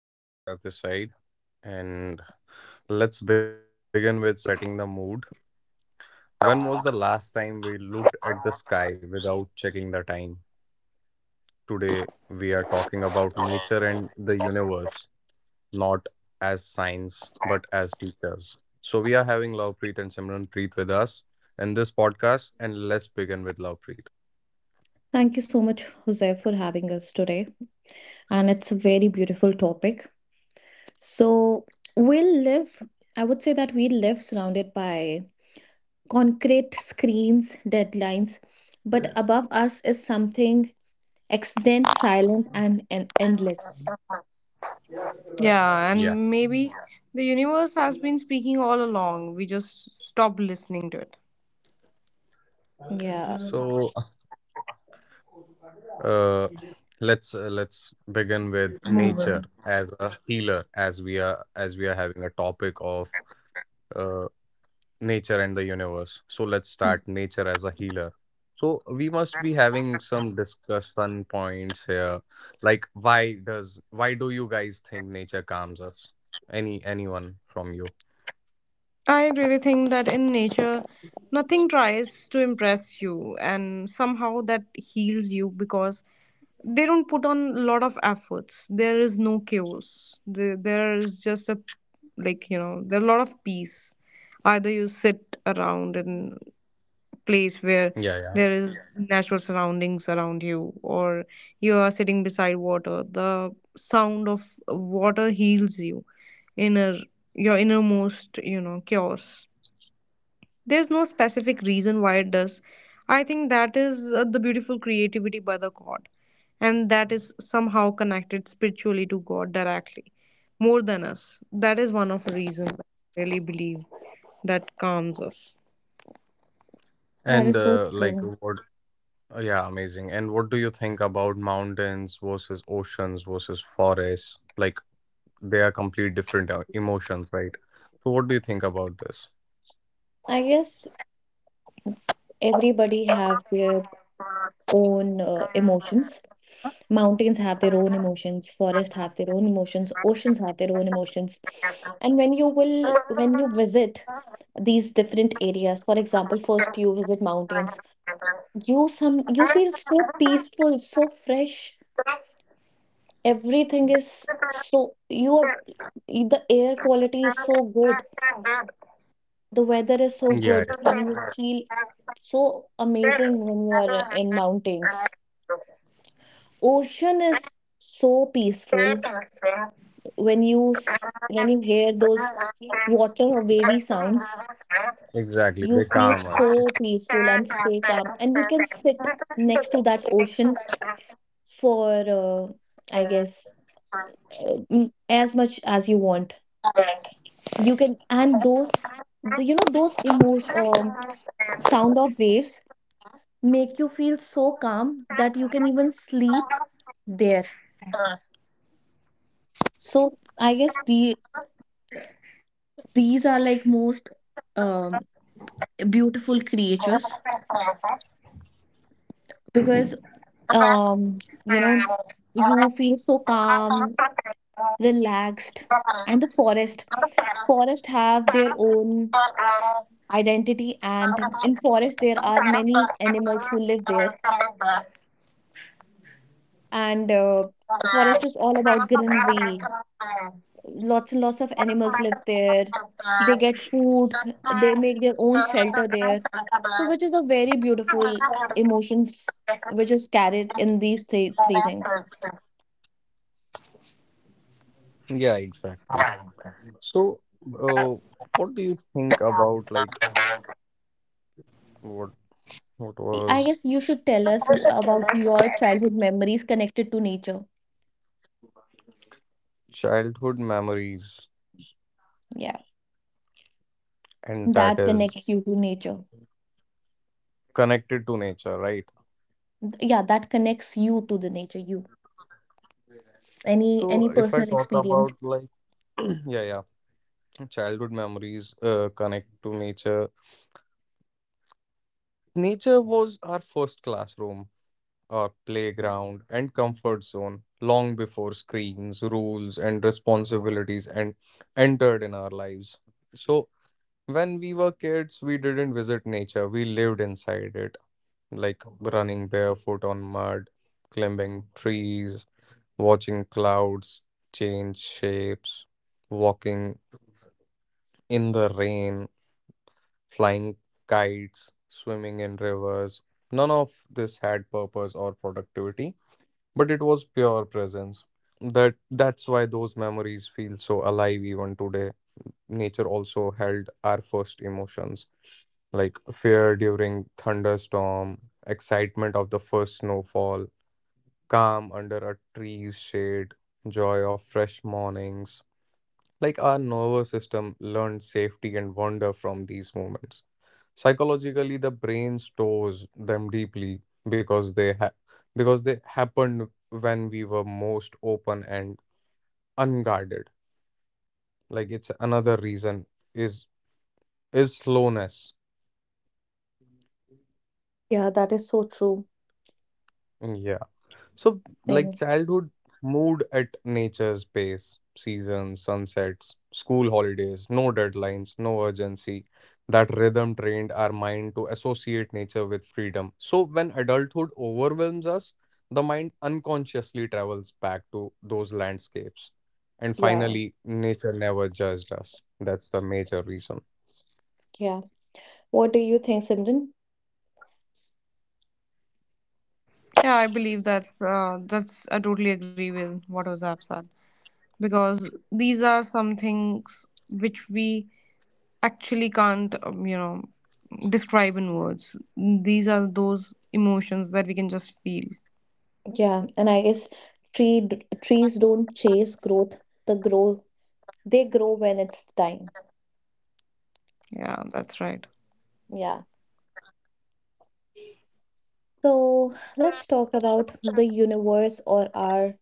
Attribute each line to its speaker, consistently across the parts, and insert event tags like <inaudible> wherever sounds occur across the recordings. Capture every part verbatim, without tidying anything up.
Speaker 1: Hi guys, Rav this side, and let's begin with setting the mood. When was the last time we looked at the sky without checking the time? Today we are talking about nature and the universe, not as science but as teachers. So we are having Lovepreet and Simranpreet with us in this podcast, and let's begin with Lovepreet.
Speaker 2: Thank you so much, Jose, for having us today. And it's a very beautiful topic. So, we live, I would say that we live surrounded by concrete screens, deadlines, but above us is something extant, silent, and, and endless.
Speaker 3: Yeah,
Speaker 1: Yeah.
Speaker 3: and maybe the universe has been speaking all along. We just stopped listening to it.
Speaker 2: Yeah,
Speaker 1: So uh, let's uh, let's begin with nature
Speaker 3: Moving.
Speaker 1: as a healer, as we are as we are having a topic of uh, nature and the universe. So let's start nature as a healer. So we must be having some discussion points here, like why does why do you guys think nature calms us? Any anyone from you?
Speaker 3: I really think that in nature, nothing tries to impress you, and somehow that heals you because they don't put on a lot of efforts. There is no chaos. There, there is just a like you know, there are a lot of peace. Either you sit around and place where
Speaker 1: Yeah yeah
Speaker 3: there is natural surroundings around you, or you are sitting beside water. The sound of water heals you inner your innermost, you know, chaos. There's no specific reason why it does. I think that is uh, the beautiful creativity by the god, and that is somehow connected spiritually to god directly more than us. That is one of the reasons I really believe that calms us.
Speaker 2: that
Speaker 1: And
Speaker 2: is so
Speaker 1: uh, like
Speaker 2: true.
Speaker 1: what uh, yeah, amazing. And what do you think about mountains versus oceans versus forests? Like, they are complete different uh, emotions, right? So what do you think about this?
Speaker 2: I guess everybody have their own uh, emotions. Mountains have their own emotions, forests have their own emotions, oceans have their own emotions. And when you will when you
Speaker 3: <laughs>
Speaker 2: visit these different areas. For example, first you visit mountains, you some you feel so peaceful, so fresh. Everything is so you are The air quality is so
Speaker 3: Thank
Speaker 2: good, the weather is so
Speaker 1: Yeah,
Speaker 2: good, and you feel so amazing when you are in mountains. Ocean is so peaceful. When you s- when you hear those water wavy sounds,
Speaker 1: yeah, exactly.
Speaker 2: you
Speaker 1: They
Speaker 2: feel
Speaker 1: calm us.
Speaker 2: so peaceful and stay calm, and you can sit next to that ocean for uh, i guess uh, mm, as much as you want. You can. And those the, you know those emotion um, sound of waves make you feel so calm that you can even sleep there. So i guess the these are like most um, beautiful creatures because, um, you know, you feel so calm,
Speaker 3: you.
Speaker 2: relaxed, and the forest. Forest have their own identity, and in forest there are many animals who live there. And uh, forest is all about greenery. Lots and lots of animals live there. They get food. They make their own shelter there. So, which is a very beautiful emotions which is carried in these three three things.
Speaker 1: Yeah, exactly. So, uh, what do you think about, like, what what
Speaker 2: I
Speaker 1: was
Speaker 2: guess you should tell us who- about your childhood memories connected to nature.
Speaker 1: childhood memories,
Speaker 2: Yeah,
Speaker 1: and that
Speaker 2: that
Speaker 1: is
Speaker 2: connects you to nature.
Speaker 1: connected to nature, right?
Speaker 2: Yeah, that connects you to the nature. You any
Speaker 1: So
Speaker 2: any
Speaker 1: if I
Speaker 2: personal
Speaker 1: talk
Speaker 2: experience.
Speaker 1: about, like, <clears throat> yeah, yeah, childhood memories uh, connect to nature. Nature was our first classroom, our playground and comfort zone, long before screens, rules, and responsibilities and entered in our lives. So when we were kids, we didn't visit nature, we lived inside it, like running barefoot on mud, climbing trees, watching clouds change shapes, walking in the rain, flying kites, swimming in rivers. None of this had purpose or productivity, but it was pure presence. That that's why those memories feel so alive even today. Nature also held our first emotions, like fear during thunderstorm, excitement of the first snowfall, calm under a tree's shade, joy of fresh mornings. Like, our nervous system learned safety and wonder from these moments. Psychologically, the brain stores them deeply because they ha- because they happened when we were most open and unguarded. Like, it's another reason is is slowness.
Speaker 2: Yeah, that is so true.
Speaker 1: Yeah. So, like,
Speaker 2: And
Speaker 1: childhood mood at nature's pace, seasons, sunsets, school holidays, no deadlines, no urgency. That rhythm trained our mind to associate nature with freedom. So, when adulthood overwhelms us, the mind unconsciously travels back to those landscapes. And
Speaker 2: yeah,
Speaker 1: finally, nature never judged us. That's the major reason.
Speaker 2: yeah. What do you think, Simran?
Speaker 3: Yeah, I believe that's uh, that's I totally agree with what Ozab said, because these are some things which we actually can't um, you know, describe in words. These are those emotions that we can just feel.
Speaker 2: Yeah, and I guess tree d- trees don't chase growth. The grow they grow when it's time.
Speaker 3: Yeah, that's right.
Speaker 2: Yeah. So let's talk about the universe or our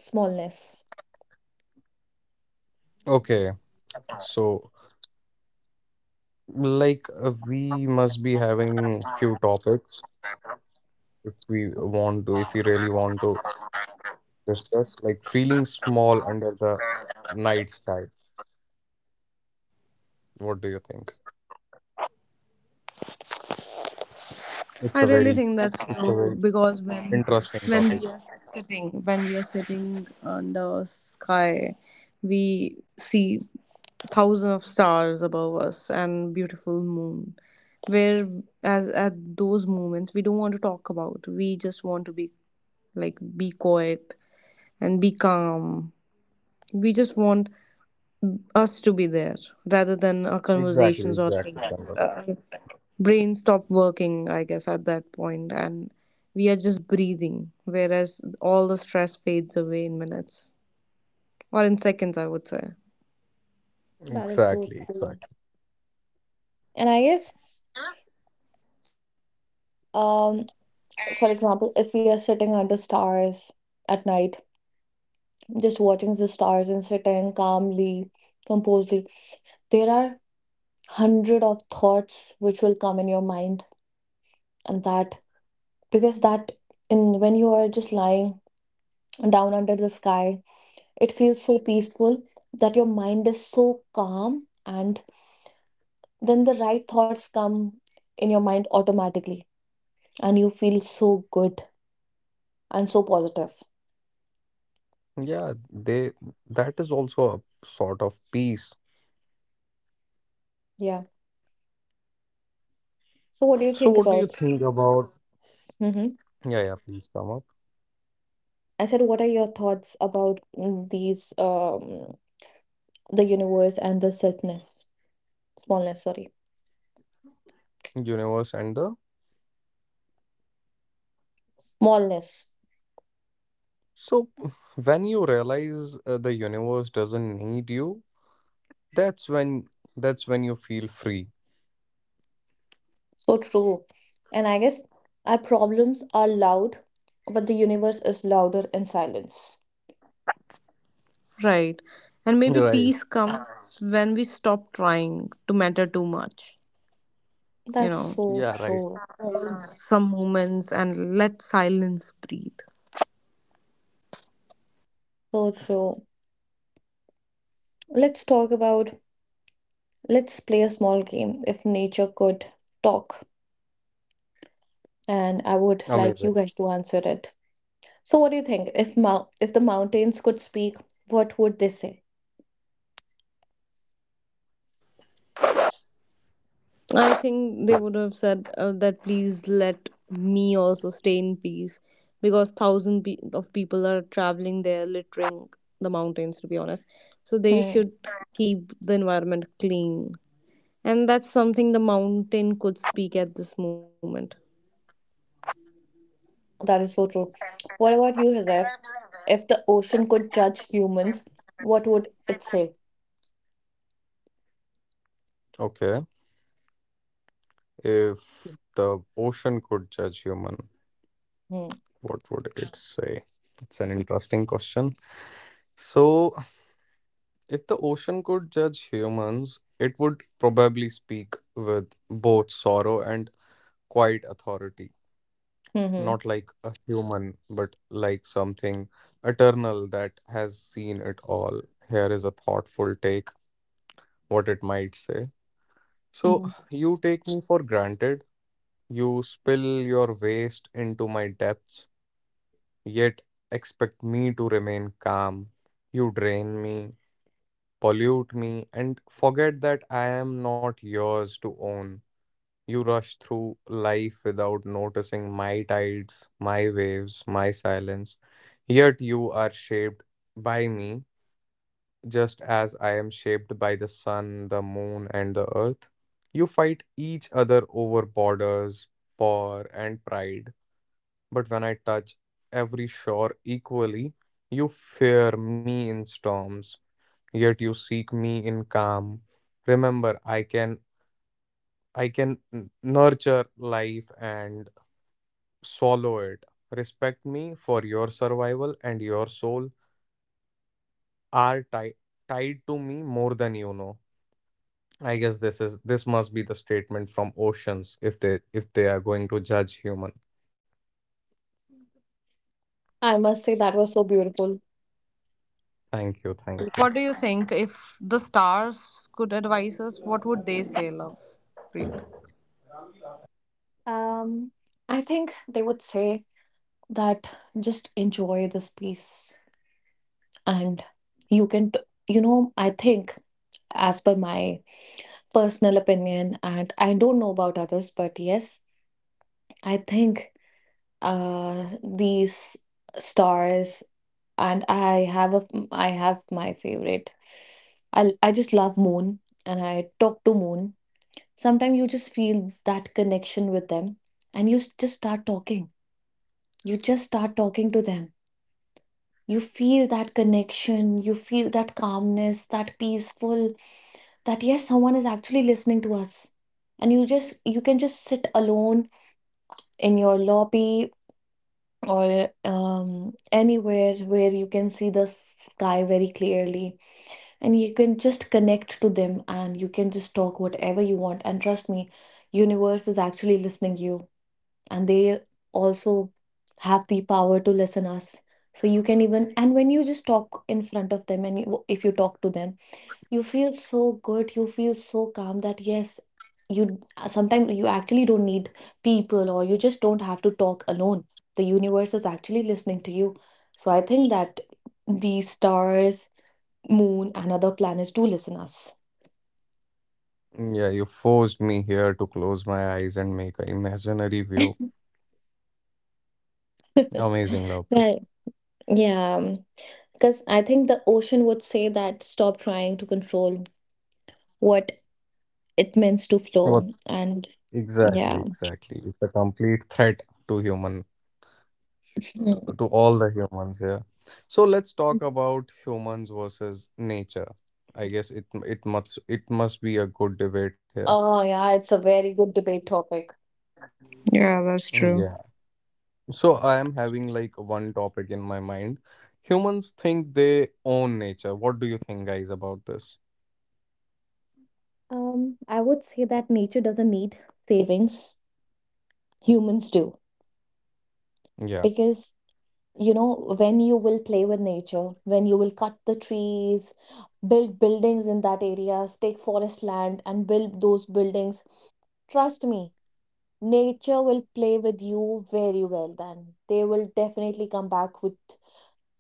Speaker 2: smallness.
Speaker 1: Okay, so, like uh, we must be having few topics. If we want to, if we really want to discuss, like, feeling small under the night sky. What do you think?
Speaker 3: I
Speaker 1: It's a
Speaker 3: really
Speaker 1: very,
Speaker 3: think that's
Speaker 1: it's a
Speaker 3: true
Speaker 1: very
Speaker 3: because when
Speaker 1: interesting
Speaker 3: when
Speaker 1: topic.
Speaker 3: we are sitting, when we are sitting under sky, we see thousands of stars above us and beautiful moon, where as at those moments we don't want to talk about. We just want to be like be quiet and be calm. We just want us to be there rather than our
Speaker 1: Exactly,
Speaker 3: conversations or
Speaker 1: exactly,
Speaker 3: things.
Speaker 1: Chandan.
Speaker 3: Our brain stop working, I guess, at that point, and we are just breathing, whereas all the stress fades away in minutes or in seconds, I would say.
Speaker 2: That is so
Speaker 1: Exactly,
Speaker 2: true.
Speaker 1: exactly.
Speaker 2: And I guess, um, for example, if we are sitting under stars at night, just watching the stars and sitting calmly, composedly, there are hundred of thoughts which will come in your mind, and that because that in when you are just lying down under the sky, it feels so peaceful that your mind is so calm, and then the right thoughts come in your mind automatically, and you feel so good and so positive.
Speaker 1: Yeah, they, that is also a sort of peace.
Speaker 2: Yeah. So, what do you
Speaker 1: So,
Speaker 2: think
Speaker 1: what do you
Speaker 2: about?
Speaker 1: think about?
Speaker 2: Hmm.
Speaker 1: Yeah, yeah. Please come up.
Speaker 2: I said, what are your thoughts about mm, these, um, the universe and the selfness, smallness, sorry,
Speaker 1: Universe and the,
Speaker 2: smallness?
Speaker 1: so when you realize uh, the universe doesn't need you, that's when that's when you feel free.
Speaker 2: So true. And I guess our problems are loud, but the universe is louder in silence.
Speaker 3: Right. And
Speaker 1: <laughs>
Speaker 3: maybe
Speaker 1: Right.
Speaker 3: peace comes when we stop trying to matter too much, you
Speaker 2: That's
Speaker 3: know,
Speaker 2: so
Speaker 1: Yeah, right.
Speaker 2: true.
Speaker 3: some moments and let silence breathe.
Speaker 2: So true. Let's talk about, let's play a small game. If nature could talk, and I would like you
Speaker 1: Amazing.
Speaker 2: guys to answer it. So what do you think? If mount if the mountains could speak, what would they say?
Speaker 3: I think they
Speaker 1: So,
Speaker 3: would have said uh, that please let me also stay in peace, because thousand pe- of people are traveling there, littering the mountains, to be honest. So they
Speaker 2: Hmm,
Speaker 3: should keep the environment clean, and that's something the mountain could speak at this moment.
Speaker 2: that is so true. What about you, Hazef? If the ocean could judge humans, what would it say?
Speaker 1: okay. If the ocean could judge human,
Speaker 2: Hmm.
Speaker 1: what would it say? It's an interesting question. So, if the ocean could judge humans, it would probably speak with both sorrow and quiet authority,
Speaker 2: Hmm.
Speaker 1: not like a human, but like something eternal that has seen it all. Here is a thoughtful take, what it might say. So,
Speaker 2: Hmm.
Speaker 1: you take me for granted. You spill your waste into my depths, yet expect me to remain calm. You drain me, pollute me, and forget that I am not yours to own. You rush through life without noticing my tides, my waves, my silence. Yet you are shaped by me, just as I am shaped by the sun, the moon, and the earth. You fight each other over borders, power, and pride. But when I touch every shore equally, you fear me in storms, yet you seek me in calm. Remember, I can I can n- nurture life and swallow it. Respect me, for your survival and your soul are ti- tied to me more than you know. I guess this is this must be the statement from oceans if they if they are going to judge human.
Speaker 2: I must say that was so beautiful.
Speaker 1: Thank you, thank you.
Speaker 3: What do you think? If the stars could advise us, what would they say, love? Breathe.
Speaker 2: Um, I think they would say that just enjoy this peace, and you can, t- you know, I think, as per my personal opinion, and I don't know about others, but yes, I think uh these stars, and i have a i have my favorite. I i just love moon, and I talk to moon. Sometimes you just feel that connection with them, and you s- just start talking. You just start talking to them. You feel that connection, you feel that calmness, that peaceful, that yes, someone is actually listening to us. And you just you can just sit alone in your lobby or, um, anywhere where you can see the sky very clearly, and you can just connect to them, and you can just talk whatever you want. And trust me, universe is actually listening you, and they also have the power to listen us. So you can even, and when you just talk in front of them, and you, if you talk to them, you feel so good, you feel so calm that yes, you, sometimes you actually don't need people, or you just don't have to talk alone. The universe is actually listening to you. So I think that the stars, moon, and other planets do listen us.
Speaker 1: Yeah, you forced me here to close my eyes and make an imaginary view. Amazing, Lovepreet.
Speaker 2: Right. Yeah. Because I think the ocean would say that stop trying to control what it means to flow.
Speaker 1: What's
Speaker 2: And
Speaker 1: exactly,
Speaker 2: yeah.
Speaker 1: exactly. It's a complete threat to human, hu- to,
Speaker 2: Mm.
Speaker 1: to all the humans here. So let's talk about humans versus nature. I guess it it must it must be a good debate here.
Speaker 2: Oh yeah, it's a very good debate topic.
Speaker 3: Yeah, that's true.
Speaker 1: Yeah. So I am having, like, one topic in my mind. Humans think they own nature. What do you think, guys, about this?
Speaker 2: Um, I would say that nature doesn't need savings, humans do.
Speaker 1: Yeah.
Speaker 2: Because, you know, when you will play with nature, when you will cut the trees, build buildings in that areas, take forest land and build those buildings, trust me, nature will play with you very well then. They will definitely come back with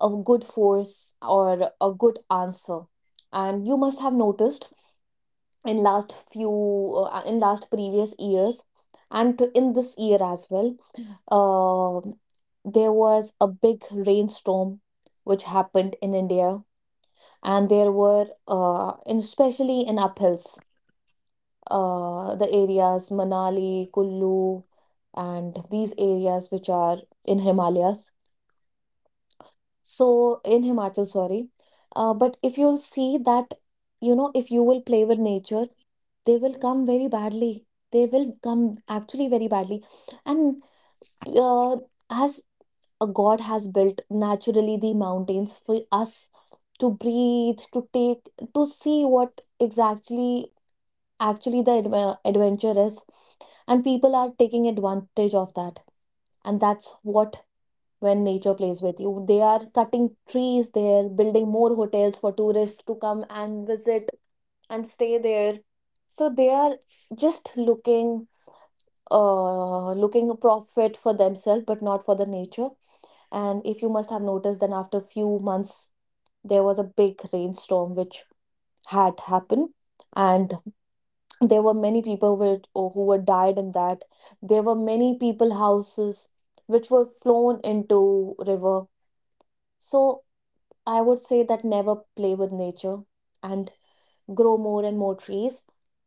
Speaker 2: a good force or a good answer. And you must have noticed in last few uh, in last previous years and to in this year as well, uh, there was a big rainstorm which happened in India. And there were, uh, in, especially in uphills, uh, the areas Manali, Kullu, and these areas which are in Himalayas. So in Himachal, sorry. Uh, but if you'll see that, you know, if you will play with nature, they will come very badly. They will come actually very badly. And uh, as a God has built naturally the mountains for us to breathe, to take, to see what exactly actually the adve- adventure is. And people are taking advantage of that. And that's what when nature plays with you. They are cutting trees there, building more hotels for tourists to come and visit and stay there. So they are just looking uh looking a profit for themselves but not for the nature. And if you must have noticed, then after few months there was a big rainstorm which had happened, and there were many people with, oh, who were died in that. There were many people houses which were flown into river. So I would say that never play with nature and grow more and more trees.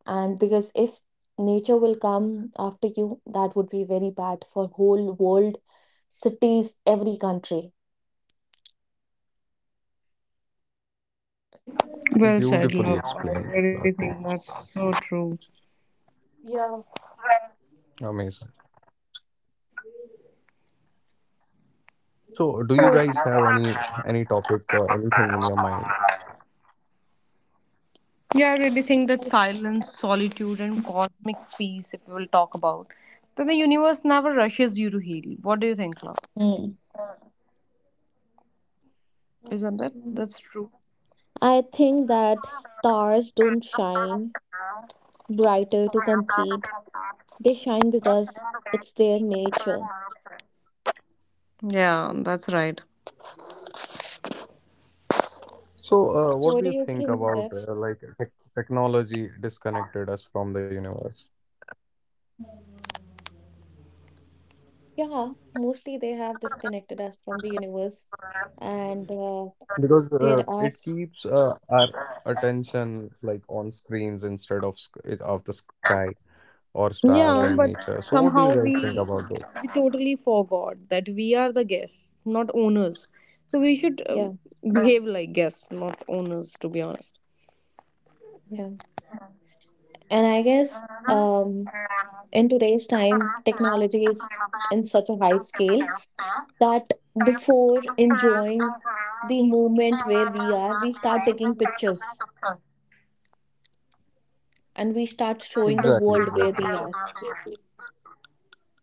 Speaker 2: And because if nature will come after you, that would be very bad for whole world, cities, every country.
Speaker 1: Beautifully explained,
Speaker 3: Well said, love.
Speaker 1: Lovepreet.
Speaker 3: I really think that's so true.
Speaker 2: Yeah.
Speaker 1: Amazing. So, do you guys
Speaker 2: So
Speaker 1: have
Speaker 2: it,
Speaker 1: any any topic or anything in your mind?
Speaker 3: Yeah, I really think that silence, solitude, and cosmic peace, if we will talk about, then the universe never rushes you to heal. What do you think, love?
Speaker 2: Mm.
Speaker 3: Isn't it? That's true.
Speaker 2: I think that stars don't shine brighter to complete. They shine because it's their nature.
Speaker 3: Yeah, that's right.
Speaker 1: So, uh, what
Speaker 2: What
Speaker 1: do
Speaker 2: do
Speaker 1: you
Speaker 2: you
Speaker 1: think
Speaker 2: think,
Speaker 1: about,
Speaker 2: Zeph?
Speaker 1: uh, like tech technology disconnected us from the universe?
Speaker 2: Yeah, mostly they have disconnected us from the universe, and uh,
Speaker 1: Because
Speaker 2: there
Speaker 1: uh,
Speaker 2: are,
Speaker 1: it
Speaker 2: s-
Speaker 1: keeps uh, our attention, like, on screens instead of sc it- of the sky or stars and
Speaker 3: Yeah,
Speaker 2: yeah,
Speaker 3: but
Speaker 1: nature. So, what do you
Speaker 3: somehow
Speaker 1: guys
Speaker 3: we
Speaker 1: think about this?
Speaker 3: we totally forgot that we are the guests, not owners. So we should uh,
Speaker 2: yeah,
Speaker 3: behave like guests, not owners, to be honest.
Speaker 2: yeah. And I guess, um, in today's time, technology is in such a high scale that before enjoying the moment where we are, we start taking pictures and we start showing the
Speaker 1: Exactly,
Speaker 2: world where
Speaker 1: exactly,
Speaker 2: we are.
Speaker 3: <laughs>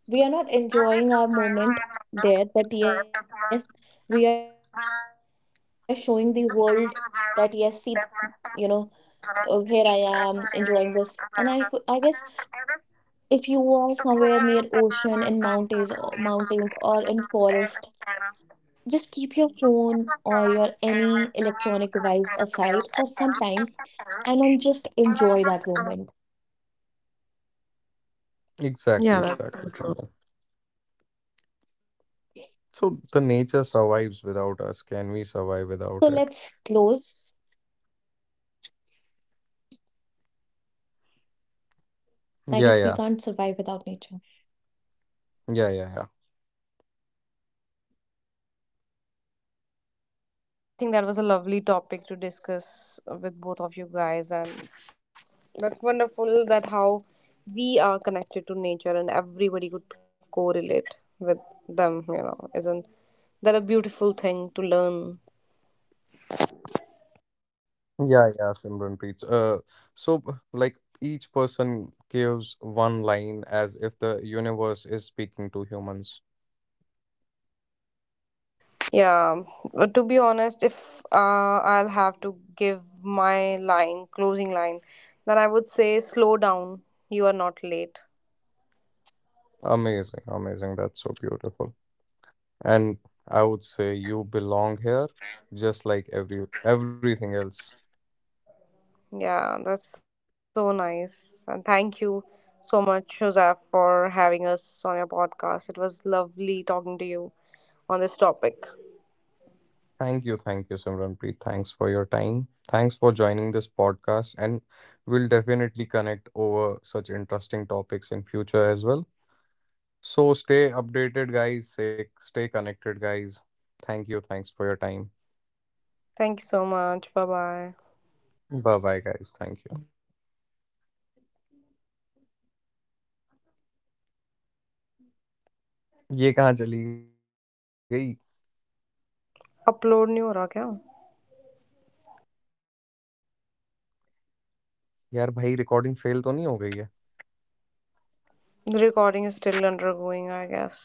Speaker 2: We are
Speaker 3: Unit employee movement that it was the same
Speaker 2: not
Speaker 3: result that was the Israeli
Speaker 2: enjoying our moment there, but yes, we are showing the world that yes, see, you know, uh, here I am enjoying this. And I, f- I guess
Speaker 3: movement.
Speaker 2: if
Speaker 3: And
Speaker 2: you
Speaker 3: together,
Speaker 2: are somewhere near
Speaker 3: the
Speaker 2: ocean in
Speaker 3: plural
Speaker 2: mountains
Speaker 3: power
Speaker 2: or
Speaker 3: was also
Speaker 2: mountains or in
Speaker 3: enabled
Speaker 2: forest,
Speaker 3: as a part of
Speaker 2: just keep your
Speaker 3: the
Speaker 2: phone
Speaker 3: people
Speaker 2: or
Speaker 3: from
Speaker 2: your any
Speaker 3: our
Speaker 2: electronic
Speaker 3: domain
Speaker 2: device
Speaker 3: of part of the
Speaker 2: aside for
Speaker 3: world as
Speaker 2: some
Speaker 3: well
Speaker 2: time
Speaker 3: as
Speaker 2: and then
Speaker 3: the
Speaker 2: just
Speaker 3: and
Speaker 2: enjoy that
Speaker 3: just.
Speaker 2: moment.
Speaker 3: Yeah,
Speaker 1: exactly,
Speaker 3: that's so
Speaker 1: exactly,
Speaker 3: true.
Speaker 1: Kanwal. So, the nature
Speaker 2: So
Speaker 1: survives
Speaker 2: let's
Speaker 1: without us. Can we
Speaker 2: close.
Speaker 1: survive without it?
Speaker 2: I guess we can't survive without nature.
Speaker 1: Yeah, yeah, yeah, yeah, yeah.
Speaker 3: I think that was a lovely topic to discuss with both of you guys, and that's wonderful that how we are connected to nature and everybody could correlate with them, you know. Isn't that a beautiful thing to learn?
Speaker 1: Yeah, yeah, Simranpreet. Uh, so b- like, each person gives one line as if the universe is speaking to humans.
Speaker 3: Yeah, but to be honest, if uh, I'll have to give my line, closing line, then I would say slow down. You are not late.
Speaker 1: Amazing, amazing. That's so beautiful. And I would say you belong here, just like every everything else.
Speaker 3: Yeah, that's so nice. And thank you so much, Joseph, for having us on your podcast. It was lovely talking to you on this topic.
Speaker 1: Thank you, thank you, Simranpreet. Thanks for your time. Thanks for joining this podcast, and we'll definitely connect over such interesting topics in future as well. So stay updated, guys. Stay, stay connected, guys. Thank you. Thanks for your time.
Speaker 3: Thank you so much bye bye.
Speaker 1: Bye bye, guys. Thank you. ये कहाँ चली गई
Speaker 3: upload नहीं हो रहा क्या?
Speaker 1: यार भाई रिकॉर्डिंग फेल तो नहीं हो गई है
Speaker 3: recording is still undergoing I guess.